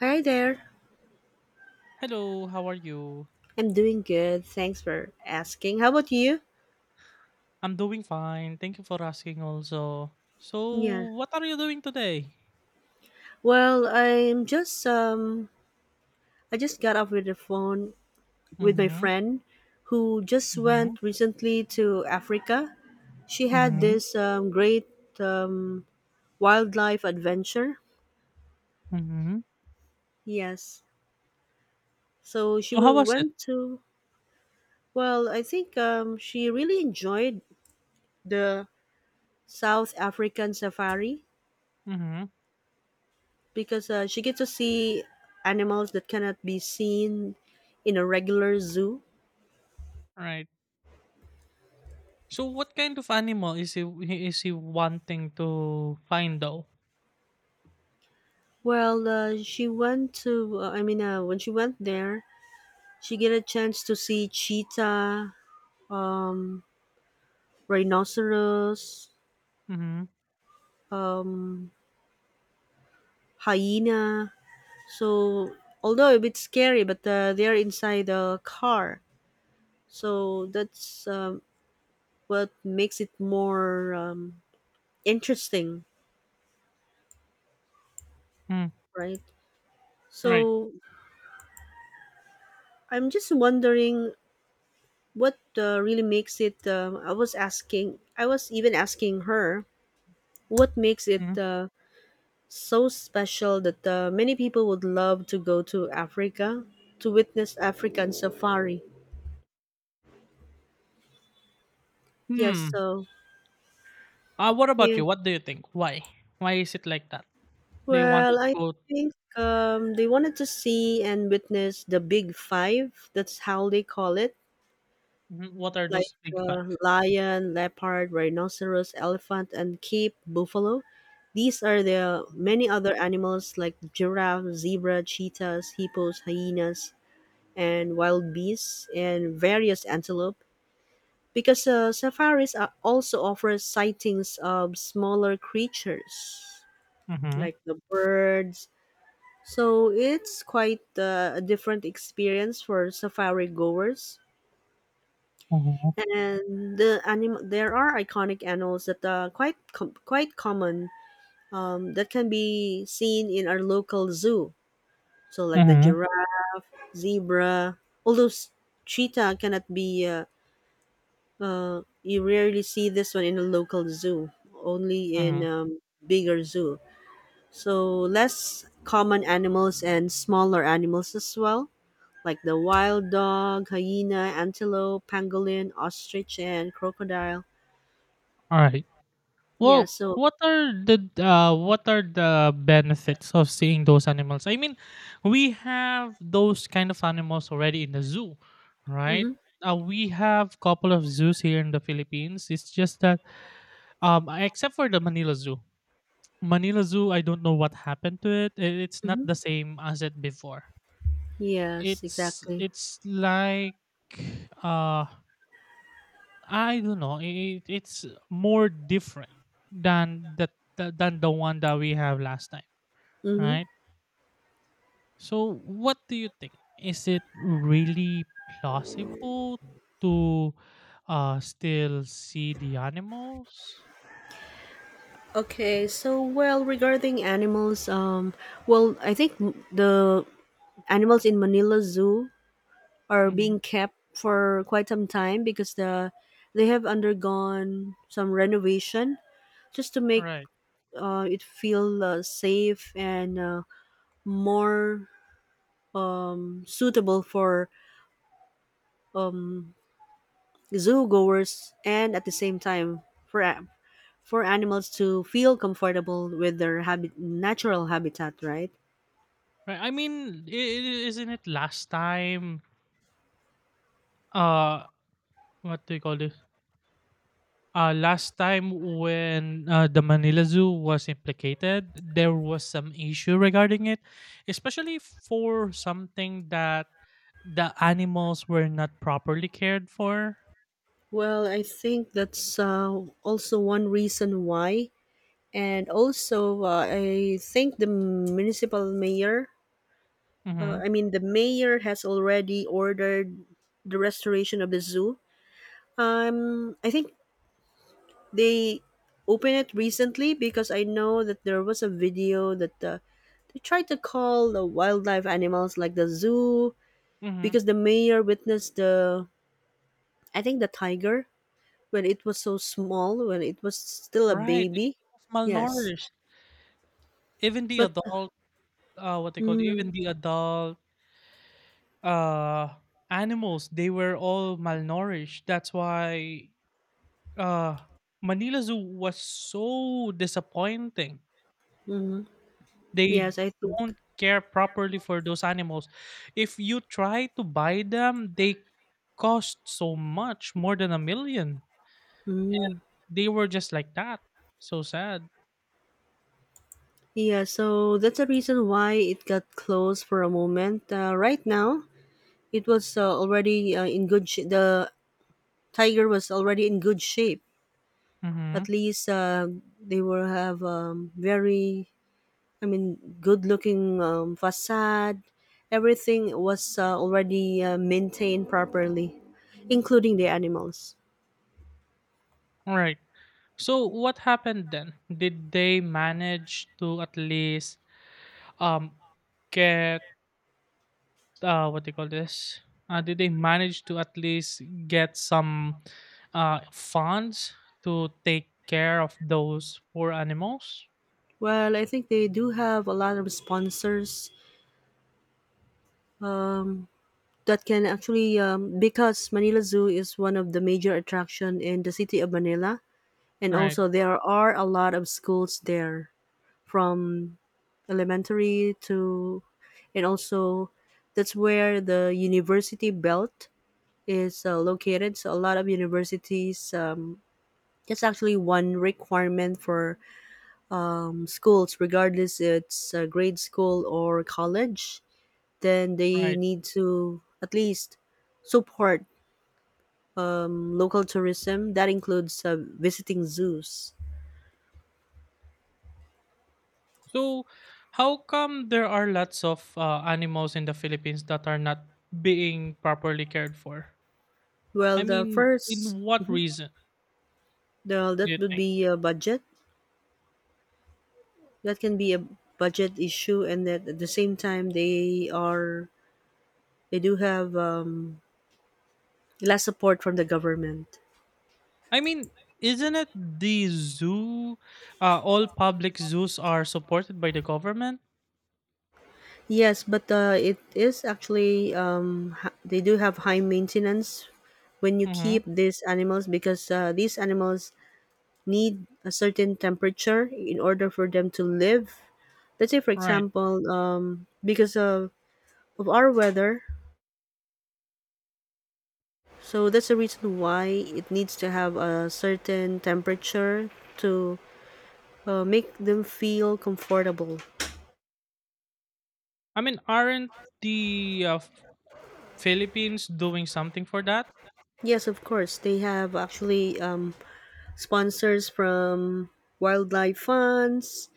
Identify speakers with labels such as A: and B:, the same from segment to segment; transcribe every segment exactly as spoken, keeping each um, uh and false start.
A: Hi there.
B: Hello, how are you?
A: I'm doing good. Thanks for asking. How about you?
B: I'm doing fine. Thank you for asking also.
A: Yeah.
B: So, what are you doing today?
A: Well, I'm just um I just got off with the phone with my
B: Mhm.
A: friend who just
B: Mhm.
A: went recently to Africa. She had
B: Mhm.
A: this um, great um, wildlife adventure.
B: Mhm.
A: Yes. So she
B: So, how
A: w-
B: was it?
A: went to well, I think um she really enjoyed the South African safari
B: Mhm.
A: because uh, she gets to see animals that cannot be seen in a regular zoo.
B: Right. So, what kind of animal is he he- is he wanting to find though?
A: Well, uh, she went to, uh, I mean, uh, when she went there, she get a chance to see cheetah, rhinoceros,
B: Mhm.
A: um, hyena. So, although a bit scary, but uh, they're inside a car. So, that's um, what makes it more um, interesting,
B: Mm.
A: right?
B: Right.
A: So, I'm just wondering what uh, really makes it um, i was asking I was even asking her what makes it
B: Mhm.
A: uh, so special that uh, many people would love to go to Africa to witness African safari. Yes.
B: Hmm.
A: So
B: Uh, what about
A: yeah.
B: you? What do you think? Why? Why is it like that? They
A: Well,
B: wanted to
A: I
B: go.
A: think um, they wanted to see and witness the big five. That's how they call it.
B: Mhm. What are
A: Like
B: those big
A: uh,
B: five?
A: lion, leopard, rhinoceros, elephant, and sheep, buffalo. These are the many other animals like giraffe, zebra, cheetahs, hippos, hyenas, and wild beasts, and various antelope. Because uh, safaris are also offer sightings of smaller creatures
B: Mhm.
A: like the birds. So it's quite uh, a different experience for safari goers.
B: Mhm.
A: And the anim- there are iconic animals that are quite com- quite common um, that can be seen in our local zoo, so like the
B: Mhm.
A: giraffe, zebra, although s- cheetah cannot be uh, uh, you rarely see this one in a local zoo, only in
B: Mhm.
A: um, bigger zoo. So less common animals and smaller animals as well, like the wild dog, hyena, antelope, pangolin, ostrich, and crocodile.
B: All right.
A: Yeah,
B: Well,
A: so
B: what are the uh, what are the benefits of seeing those animals? I mean, we have those kind of animals already in the zoo, right?
A: mhm.
B: Uh, we have couple of zoos here in the Philippines. It's just that, um, except for the Manila Zoo. Manila Zoo, I don't know what happened to it. I- It's not
A: Hmm.
B: the same as it before.
A: Yes,
B: It's
A: exactly.
B: it's like, uh, I don't know. It, it's more different than the, the than the one that we have last time,
A: Hmm.
B: right? So, what do you think? Is it really plausible to uh, still see the animals?
A: Okay, so well, regarding animals, um, well, I think the animals in Manila Zoo are
B: Hmm.
A: being kept for quite some time because the they have undergone some renovation just to make
B: Right.
A: uh, it feel uh, safe and uh, more um, suitable for um, zoo goers, and at the same time for for animals to feel comfortable with their habit, natural habitat, right?
B: Right. I mean, i- i- isn't it last time? Uh, what do you call this? Uh, last time when uh, the Manila Zoo was implicated, there was some issue regarding it, especially for something that the animals were not properly cared for.
A: Well, I think that's uh, also one reason why. And also, uh, I think the municipal mayor, uh,
B: Mm-hmm.
A: I mean, the mayor has already ordered the restoration of the zoo. Um, I think they opened it recently because I know that there was a video that uh, they tried to call the wildlife animals like the zoo,
B: Mm-hmm.
A: because the mayor witnessed the I think the tiger when it was so small, when it was still a
B: Right. It
A: baby.
B: was
A: Yes.
B: malnourished. Even the
A: But
B: adult, uh, what they call even
A: mm,
B: the adult uh, animals, they were all malnourished. That's why uh, Manila Zoo was so disappointing.
A: mhm.
B: They
A: Yes, I think
B: don't care properly for those animals. If you try to buy them, they cost so much, more than a million. And they were just like that. So sad.
A: yeah, so that's the reason why it got closed for a moment. Uh, right now, it was uh, already uh, in good sh- the tiger was already in good shape.
B: Mm-hmm.
A: At least uh, they will have um, very I mean, good looking um, facade. Everything was uh, already uh, maintained properly, including the animals.
B: All right. So what happened then? Did they manage to at least um get uh what do you call this? Uh, did they manage to at least get some uh funds to take care of those poor animals?
A: Well, I think they do have a lot of sponsors um, that can actually, um, because Manila Zoo is one of the major attraction in the city of Manila, and
B: Right,
A: also there are a lot of schools there, from elementary to, and also that's where the university belt is uh, located. So a lot of universities, um, it's actually one requirement for um, schools, regardless it's a grade school or college. Then they
B: right.
A: need to at least support um, local tourism. That includes uh, visiting zoos.
B: So, how come there are lots of uh, animals in the Philippines that are not being properly cared for?
A: Well,
B: I
A: the
B: mean,
A: first,
B: in what reason
A: the,
B: do
A: that
B: you
A: would
B: think?
A: be a budget. That can be a budget issue, and that at the same time they are they do have um, less support from the government.
B: I mean, isn't it the zoo? Uh, all public zoos are supported by the government.
A: Yes, but uh, it is actually um, ha- they do have high maintenance when you keep
B: Mm-hmm.
A: these animals because uh, these animals need a certain temperature in order for them to live. Let's say, for
B: Right.
A: example, um, because of, of our weather, so that's the reason why it needs to have a certain temperature to uh, make them feel comfortable.
B: I mean, aren't the uh, F- Philippines doing something for that?
A: Yes, of course, they have actually um, sponsors from wildlife funds,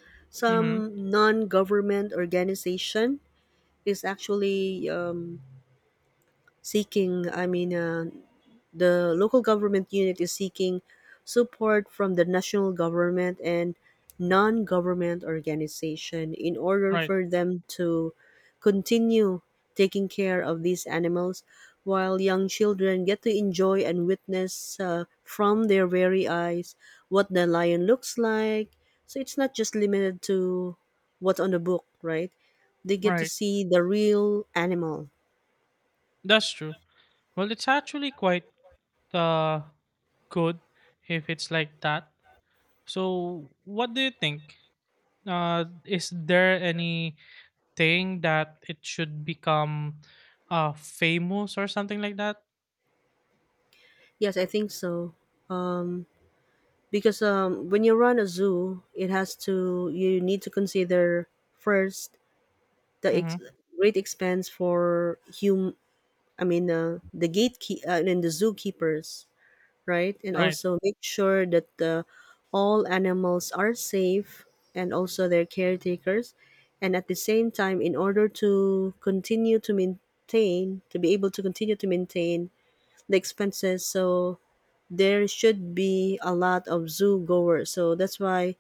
B: Mm-hmm.
A: some non-government organization is actually um, seeking, I mean, uh, the local government unit is seeking support from the national government and non government organization in order
B: Right.
A: for them to continue taking care of these animals, while young children get to enjoy and witness uh, from their very eyes what the lion looks like. So it's not just limited to what's on the book, right? They get to
B: Right.
A: see the real animal.
B: That's true. Well, it's actually quite uh, good if it's like that. So, what do you think? Uh, is there any thing that it should become uh, famous or something like that?
A: Yes, I think so. Um. Because um, when you run a zoo, it has to you need to consider first the ex-
B: Mm-hmm.
A: great expense for hum i mean uh, the gatekeep uh, and the zookeepers, right, and
B: Right,
A: also make sure that uh, all animals are safe, and also their caretakers, and at the same time in order to continue to maintain to be able to continue to maintain the expenses. So there should be a lot of zoo goers, so that's why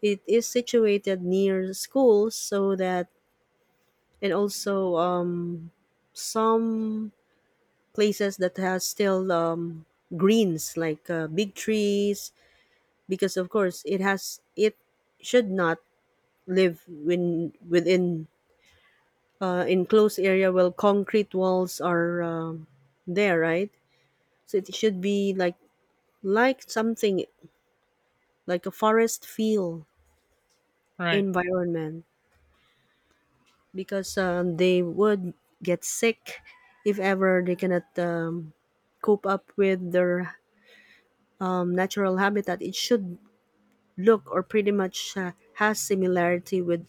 A: it is situated near schools, so that. And also um, some places that has still um, greens like uh, big trees, because of course it has it should not live in within uh, enclosed area where concrete walls are um, there, right? So it should be like like something like a forest feel
B: right,
A: environment. Because um, they would get sick if ever they cannot um, cope up with their um, natural habitat. It should look or pretty much uh, has similarity with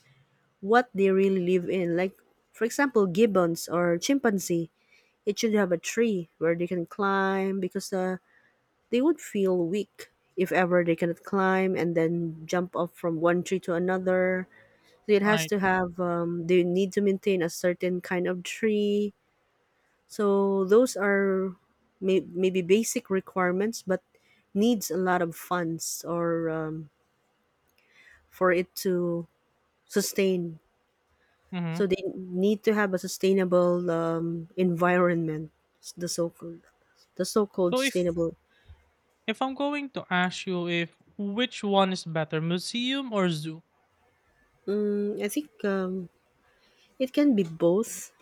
A: what they really live in. Like, for example, gibbons or chimpanzee, it should have a tree where they can climb because uh, they would feel weak if ever they cannot climb and then jump off from one tree to another. So it has
B: right.
A: to have, um, they need to maintain a certain kind of tree. So those are may- maybe basic requirements, but needs a lot of funds, or um, for it to sustain.
B: Mm-hmm.
A: So they need to have a sustainable um, environment, the so-called the so-called
B: So, if
A: sustainable.
B: if I'm going to ask you if which one is better, museum or zoo?
A: Mm, I think um, it can be both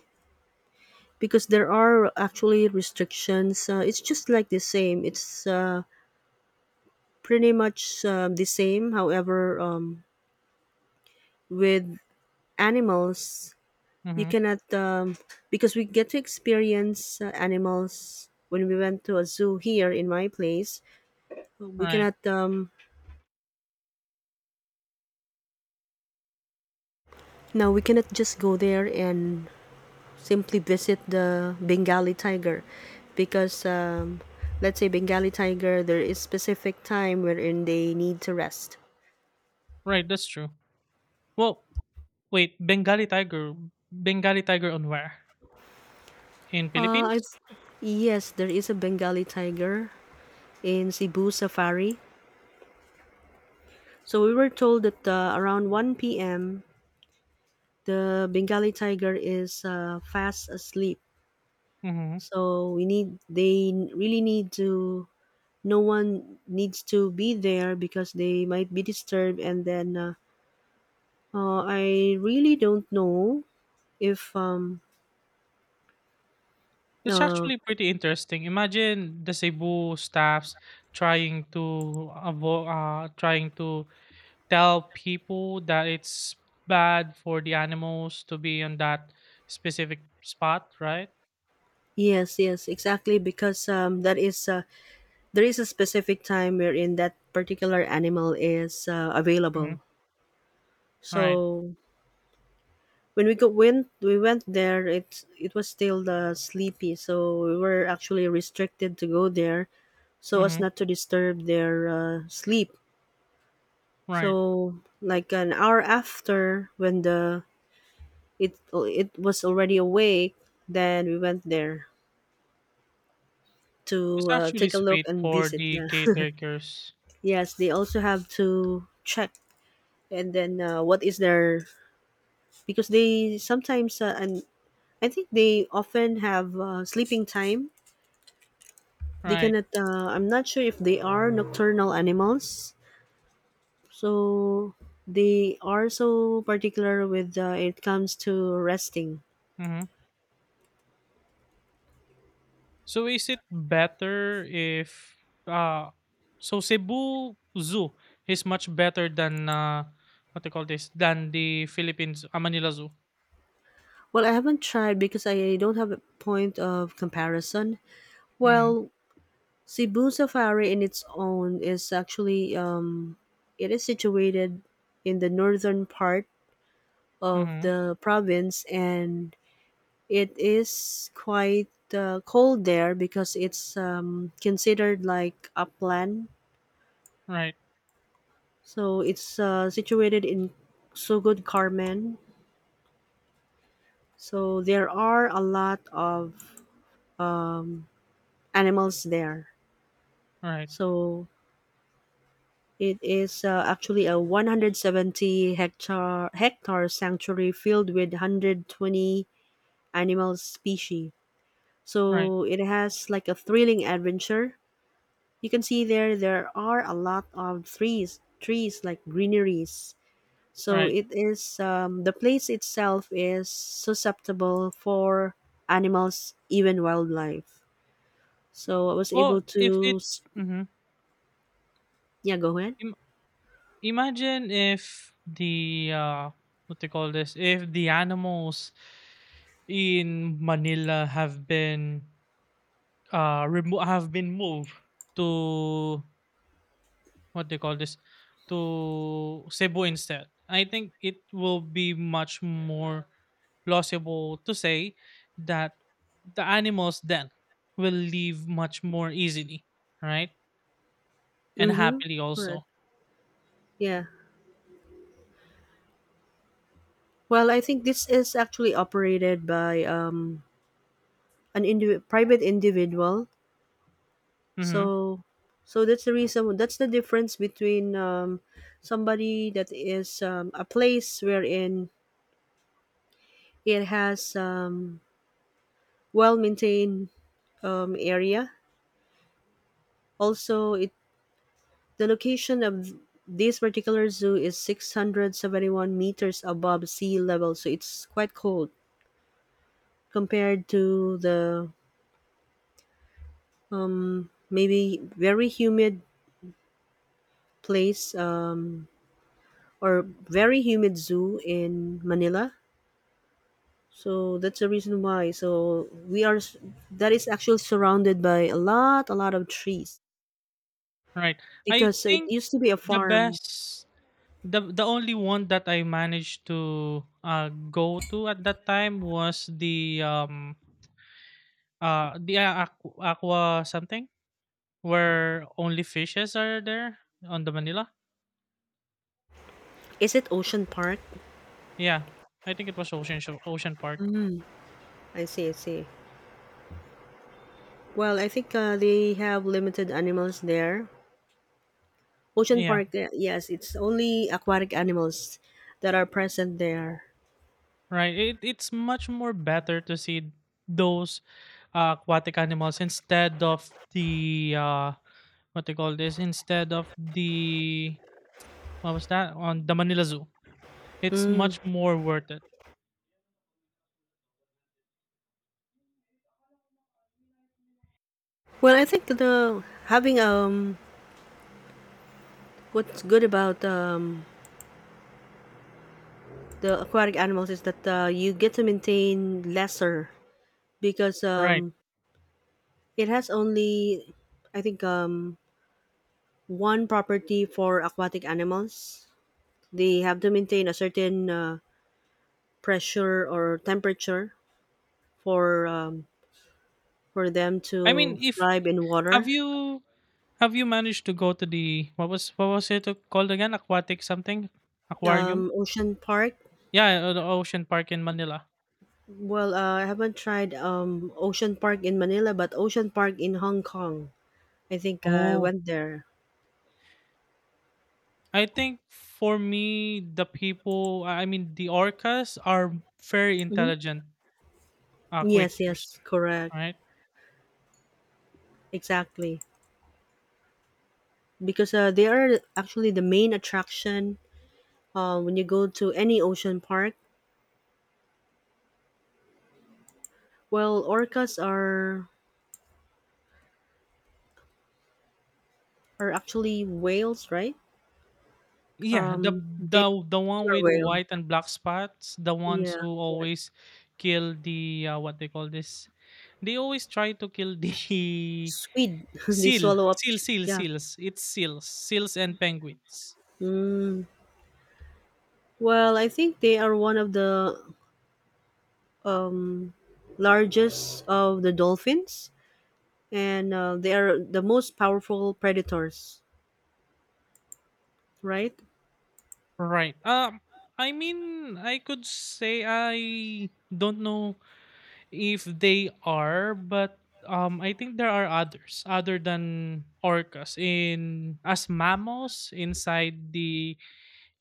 A: because there are actually restrictions. Uh, it's just like the same. It's uh, pretty much uh, the same. However, um, with animals you
B: Mm-hmm.
A: cannot, um, because we get to experience uh, animals when we went to a zoo here in my place. We
B: Right,
A: cannot, um, now we cannot just go there and simply visit the Bengali tiger because, um, let's say, Bengali tiger, there is specific time wherein they need to rest.
B: right. That's true. Well, wait, Bengali tiger, Bengali tiger on where? In
A: Uh, I
B: Philippines?
A: th- Yes, there is a Bengali tiger in Cebu Safari. So we were told that uh, around one p m the Bengali tiger is uh, fast asleep.
B: Mm-hmm.
A: So we need they really need to no one needs to be there because they might be disturbed, and then uh, uh, I really don't know if um
B: It's
A: uh
B: actually pretty interesting. Imagine the Cebu staffs trying to avo- uh, trying to tell people that it's bad for the animals to be on that specific spot, right?
A: yes, yes, exactly, because um that is uh, there is a specific time wherein that particular animal is uh,
B: Mm-hmm.
A: available.
B: Right.
A: So when we go went we went there, it's it was still the sleepy, so we were actually restricted to go there so as
B: Mm-hmm.
A: not to disturb their uh, sleep.
B: Right.
A: So like an hour after when the it it was already awake, then we went there
B: It's
A: to uh,
B: actually
A: take a look
B: sweet
A: and
B: for
A: visit,
B: the
A: yeah.
B: caretakers,
A: Yes, they also have to check and then uh, what is their because they sometimes uh, and I think they often have uh, sleeping time. They
B: right?
A: cannot. Uh, I'm not sure if they are nocturnal animals, so they are so particular with uh, it comes to resting.
B: Mm-hmm. So is it better if uh so Cebu Zoo is much better than uh what they call this than the Philippines uh, Manila Zoo.
A: Well, I haven't tried because I don't have a point of comparison.
B: Mhm.
A: Well, Cebu Safari in its own is actually um, it is situated in the northern part of
B: Mhm.
A: the province, and it is quite uh, cold there because it's um, considered like upland.
B: Right.
A: So it's uh, situated in Sugod Carmen. So there are a lot of um, animals there.
B: Right.
A: So it is uh, actually a one hundred seventy hectare hectare sanctuary filled with one hundred twenty animal species.
B: Right.
A: So it has like a thrilling adventure. You can see there there are a lot of trees, trees like greeneries. So
B: Right.
A: it is um, the place itself is susceptible for animals, even wildlife. So I was
B: Well,
A: able
B: if
A: to,
B: it's
A: s-
B: mhm.
A: yeah, go ahead.
B: Im- imagine if the uh what they call this if the animals in Manila have been uh remo- have been moved to what they call this to Cebu instead. I think it will be much more plausible to say that the animals then will leave much more easily, right? And
A: Mm-hmm.
B: happily
A: Correct.
B: also.
A: Yeah. Well, I think this is actually operated by um, an indiv- private individual.
B: Hmm.
A: So, so that's the reason. That's the difference between um, somebody that is um, a place wherein it has um, well maintained um, area. Also, it the location of this particular zoo is six hundred seventy-one meters above sea level, so it's quite cold compared to the um, maybe very humid place um, or very humid zoo in Manila. So that's the reason why. So we are s- that is actually surrounded by a lot, a lot of trees
B: Right. I
A: because it
B: think
A: used to be a
B: the
A: farm.
B: best the the only one that I managed to uh go to at that time was the um uh the aqua, aqua something. Where only fishes are there on the Manila?
A: Is it Ocean Park?
B: Yeah. I think it was Ocean Sho- Ocean Park.
A: I see, I see. Well, I think uh, they have limited animals there. Ocean
B: Yeah.
A: Park, uh, yes, it's only aquatic animals that are present there.
B: Right. It, it's much more better to see those uh, aquatic animals instead of the uh what they call this instead of the what was that on the Manila Zoo. It's
A: Mm.
B: much more worth it.
A: Well, I think the having um what's good about um the aquatic animals is that uh, you get to maintain lesser because
B: Right.
A: um it has only, I think um one property for aquatic animals. They have to maintain a certain uh, pressure or temperature for um, for them
B: I mean,
A: to
B: if
A: thrive in
B: have
A: water.
B: you have you managed to go to the what was what was it called again? Aquatic something aquarium?
A: Um, Ocean Park.
B: Yeah, uh, the Ocean Park in Manila.
A: Well, uh, I haven't tried um, Ocean Park in Manila, but Ocean Park in Hong Kong. I think I
B: Oh,
A: went there.
B: I think for me, the people, I mean, the orcas are very
A: Hmm.
B: intelligent uh,
A: Yes,
B: creatures,
A: yes, correct,
B: right?
A: exactly. Because uh, they are actually the main attraction uh, when you go to any ocean park. Well, orcas are are actually whales, right?
B: Yeah, the
A: Um, they
B: the the one
A: are
B: with
A: whale.
B: white and black spots, the ones
A: Yeah,
B: who
A: correct.
B: always kill the uh, what they call this. They always try to kill the
A: Squid. They
B: seal,
A: swallow up.
B: seal, seal,
A: Yeah.
B: seals. It's seals, seals and penguins.
A: Mm. Well, I think they are one of the um, largest of the dolphins, and uh, they are the most powerful predators, right?
B: Right. Um, I mean, I could say I don't know if they are, but um, I think there are others other than orcas in as mammals inside the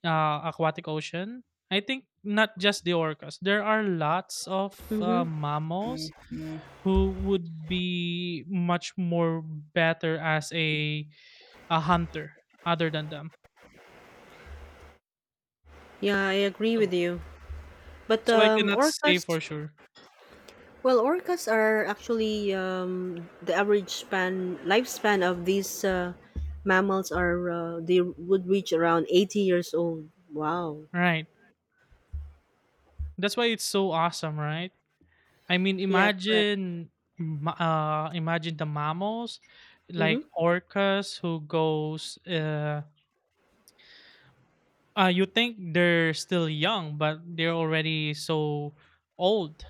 B: uh, aquatic ocean. I think not just the orcas. There are lots of uh,
A: Mm-hmm.
B: mammals who would be much more better as a a hunter other than them.
A: Yeah, I agree with
B: So
A: you. But
B: so I
A: um,
B: cannot
A: orcas,
B: say for sure.
A: well, orcas are actually um, the average span lifespan of these uh, mammals are uh, they would reach around eighty years old. Wow.
B: Right. That's why it's so awesome, right? I mean,
A: Yeah, correct.
B: imagine, m- uh, imagine the mammals, like
A: Mm-hmm.
B: orcas, who goes. Uh, uh, you think they're still young, but they're already so old.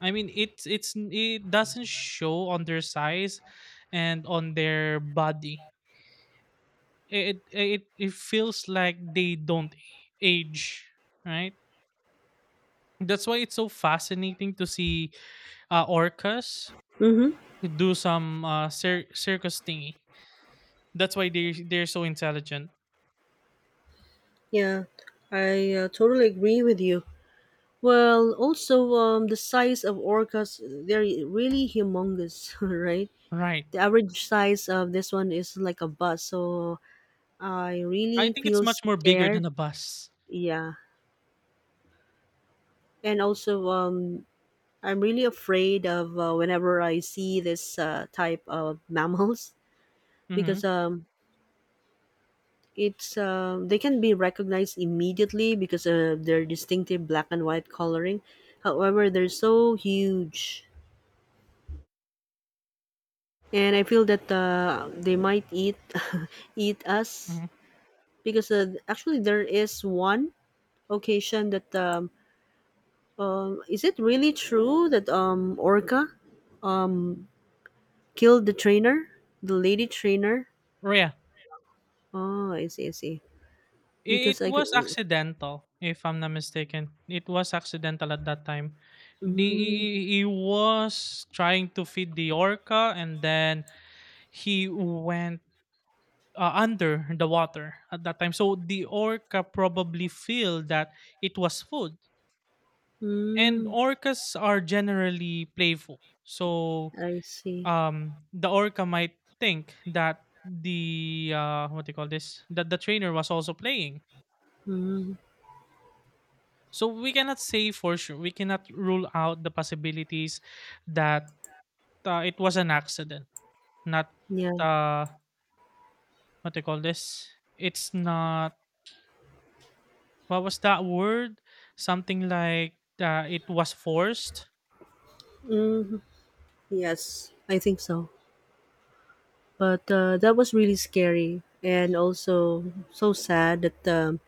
B: I mean, it's it's it doesn't show on their size, and on their body. It it it feels like they don't age, right? That's why it's so fascinating to see uh, orcas
A: Mm-hmm.
B: do some uh, cir- circus thingy. That's why they they're so intelligent.
A: Yeah, I uh, totally agree with you. Well, also um, the size of orcas, they're really humongous, right?
B: Right.
A: The average size of this one is like a bus, so I
B: I
A: really
B: think it's
A: feel
B: much more bigger
A: scared.
B: than a bus.
A: Yeah, and also um, I'm really afraid of uh, whenever I see this uh, type of mammals because
B: Mhm.
A: um, it's uh, they can be recognized immediately because of their distinctive black and white coloring. However, they're so huge, and I feel that uh, they might eat eat us,
B: Mhm.
A: because uh, actually there is one occasion that um, um, is it really true that um Orca killed the trainer, the lady trainer?
B: Or yeah.
A: Oh, I see, I see.
B: It
A: Because I
B: was
A: could,
B: accidental, if I'm not mistaken. It was accidental at that time. The
A: mm,
B: he was trying to feed the orca, and then he went uh, under the water at that time. So the orca probably feel that it was food, and
A: mm,
B: orcas are generally playful. So
A: I see.
B: um the orca might think that the uh what do you call this that the trainer was also playing,
A: Mm,
B: so we cannot say for sure, we cannot rule out the possibilities that uh, it was an accident, not
A: yeah.
B: uh what do you call this, it's not what was that word, something like uh, it was forced.
A: Mm, yes, I think so. But uh, that was really scary and also so sad that um,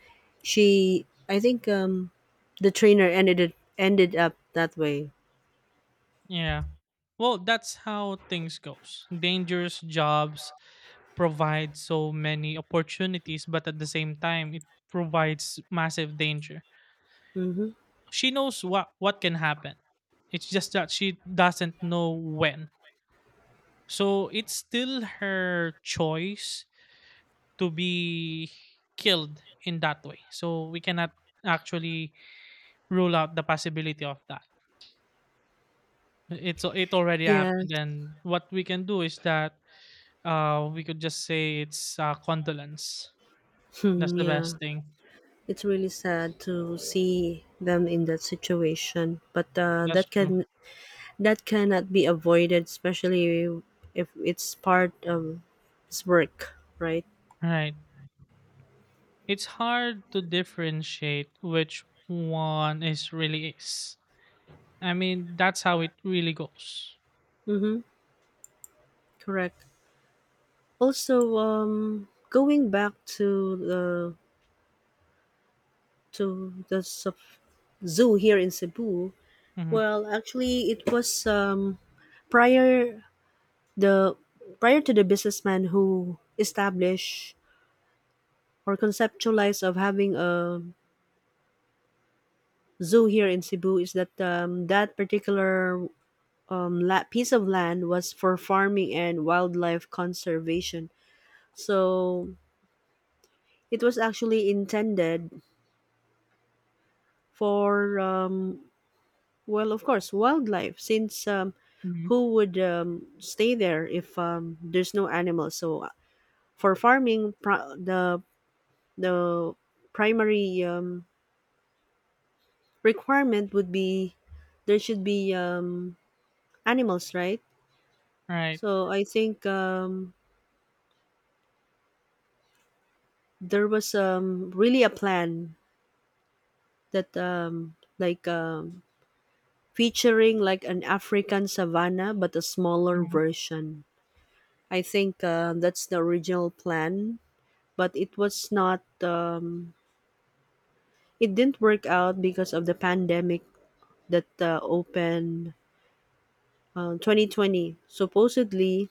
A: she, I think um, the trainer ended it, ended up that way.
B: Yeah, well that's how things goes. Dangerous jobs provides so many opportunities, but at the same time, it provides massive danger.
A: Hmm.
B: She knows what what can happen. It's just that she doesn't know when. So it's still her choice to be killed in that way. So we cannot actually rule out the possibility of that. It's it already
A: Yes.
B: happened, and what we can do is that uh, we could just say it's uh, condolence. That's
A: Hmm,
B: the best
A: yeah.
B: thing.
A: It's really sad to see them in that situation, but uh,
B: That's
A: that
B: true.
A: can that cannot be avoided, especially if it's part of his work, right?
B: Right. It's hard to differentiate which one is really is. I mean, that's how it really goes.
A: Mm-hmm. Correct. Also, um, going back to the to the s- zoo here in Cebu.
B: Hmm.
A: Well, actually, it was um, prior the prior to the businessman who established or conceptualized of having a zoo here in Cebu, is that um, that particular um, la- piece of land was for farming and wildlife conservation. So it was actually intended for um, well, of course, wildlife, since um,
B: Hmm.
A: who would um, stay there if um, there's no animals? So, uh, for farming, pri- the the primary um, requirement would be there should be um, animals, right?
B: Right.
A: So, I think um, there was um, really a plan that um, like um, featuring like an African savanna, but a smaller
B: Hmm.
A: version. I think uh, that's the original plan, but it was not um, it didn't work out because of the pandemic that uh, opened uh, twenty twenty. Supposedly,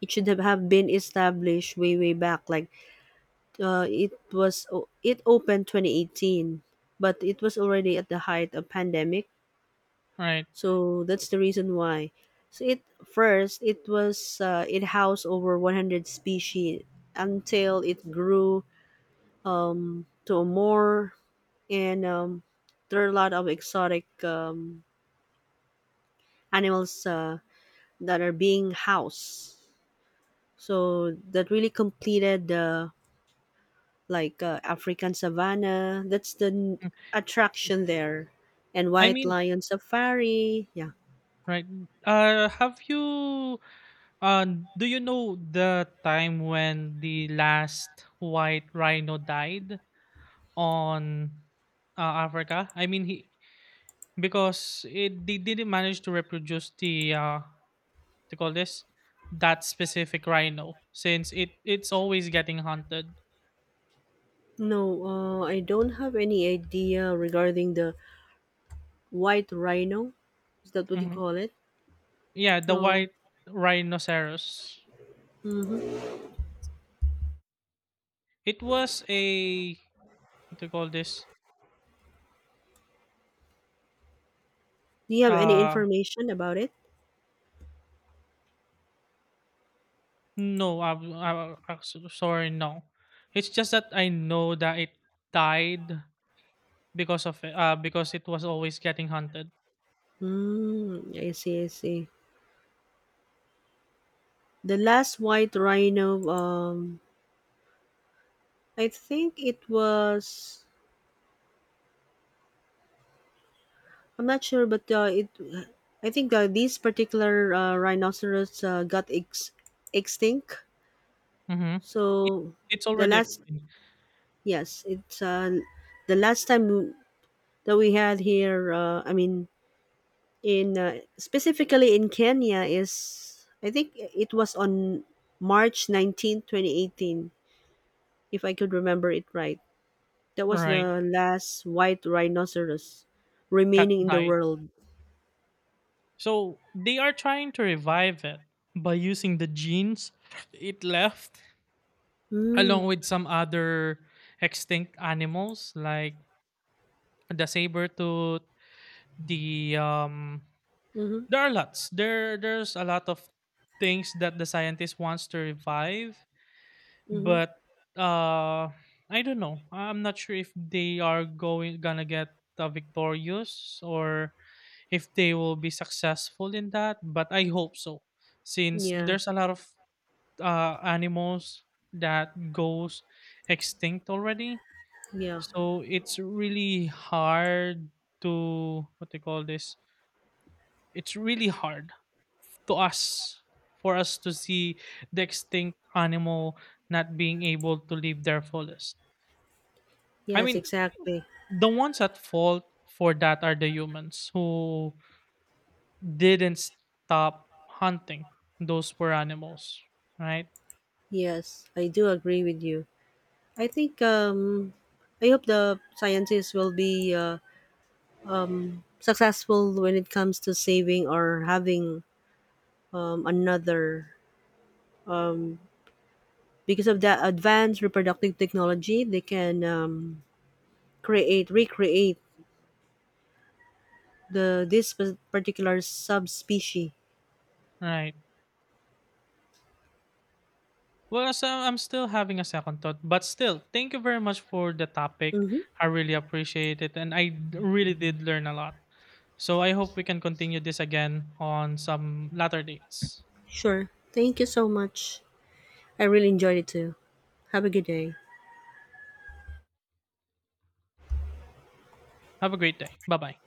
A: it should have have been established way way back, like uh, it was o- it opened twenty eighteen, but it was already at the height of pandemic,
B: Right.
A: so that's the reason why. So, it first it was uh, it housed over one hundred species until it grew um, to more, and um, there are a lot of exotic um, animals uh, that are being housed. So that really completed the, like uh, African savannah. That's the n-
B: Mm.
A: attraction there, and
B: I
A: White
B: mean,
A: Lion Safari. Yeah.
B: right. Uh, have you? Uh, do you know the time when the last white rhino died on uh, Africa? I mean, he because it they didn't manage to reproduce the uh, to call this that specific rhino since it it's always getting hunted.
A: No, uh, I don't have any idea regarding the white rhino. Is that what you
B: Mhm.
A: call it?
B: Yeah, the
A: No.
B: white rhinoceros. It was a what do you call this?
A: Do you have any
B: Uh
A: information about it?
B: no, I, I, I sorry, no. It's just that I know that it died because of it, uh because it was always getting hunted.
A: Hmm. I see. I see. The last white rhino, um, I think it was, I'm not sure, but uh, it. I think uh, these particular uh, rhinoceros uh, got ex- extinct.
B: Mm-hmm.
A: So
B: It's
A: the
B: already
A: last,
B: extinct,
A: yes, it's uh, the last time that we had here. Uh, I mean, in uh, specifically in Kenya, is, I think it was on March nineteenth, twenty eighteen, if I could remember it right. That was
B: right?
A: the last white rhinoceros
B: That
A: remaining in the
B: died.
A: world.
B: So they are trying to revive it by using the genes it left, along
A: Mm.
B: with some other extinct animals like the saber tooth. The um,
A: Mm-hmm.
B: there are lots. There there's a lot of things that the scientist wants to revive,
A: Mm-hmm.
B: but uh, I don't know. I'm not sure if they are going gonna get uh, victorious or if they will be successful in that, but I hope so, since
A: Yeah.
B: there's a lot of uh, animals that goes extinct already.
A: Yeah.
B: So it's really hard to what they call this, it's really hard to us for us to see the extinct animal not being able to live their fullest. I
A: Yes,
B: mean,
A: exactly.
B: the ones at fault for that are the humans who didn't stop hunting those poor animals. Right?
A: Yes, I do agree with you. I think um I hope the scientists will be uh, successful when it comes to saving or having um, another um, because of that advanced reproductive technology, they can um, create recreate the, this pa- particular subspecies.
B: Right. Well, so I'm still having a second thought, but still, thank you very much for the topic.
A: Mm-hmm.
B: I really appreciate it, and I d- really did learn a lot. So I hope we can continue this again on some latter dates.
A: Sure. Thank you so much. I really enjoyed it too. Have a good day.
B: Have a great day. Bye bye.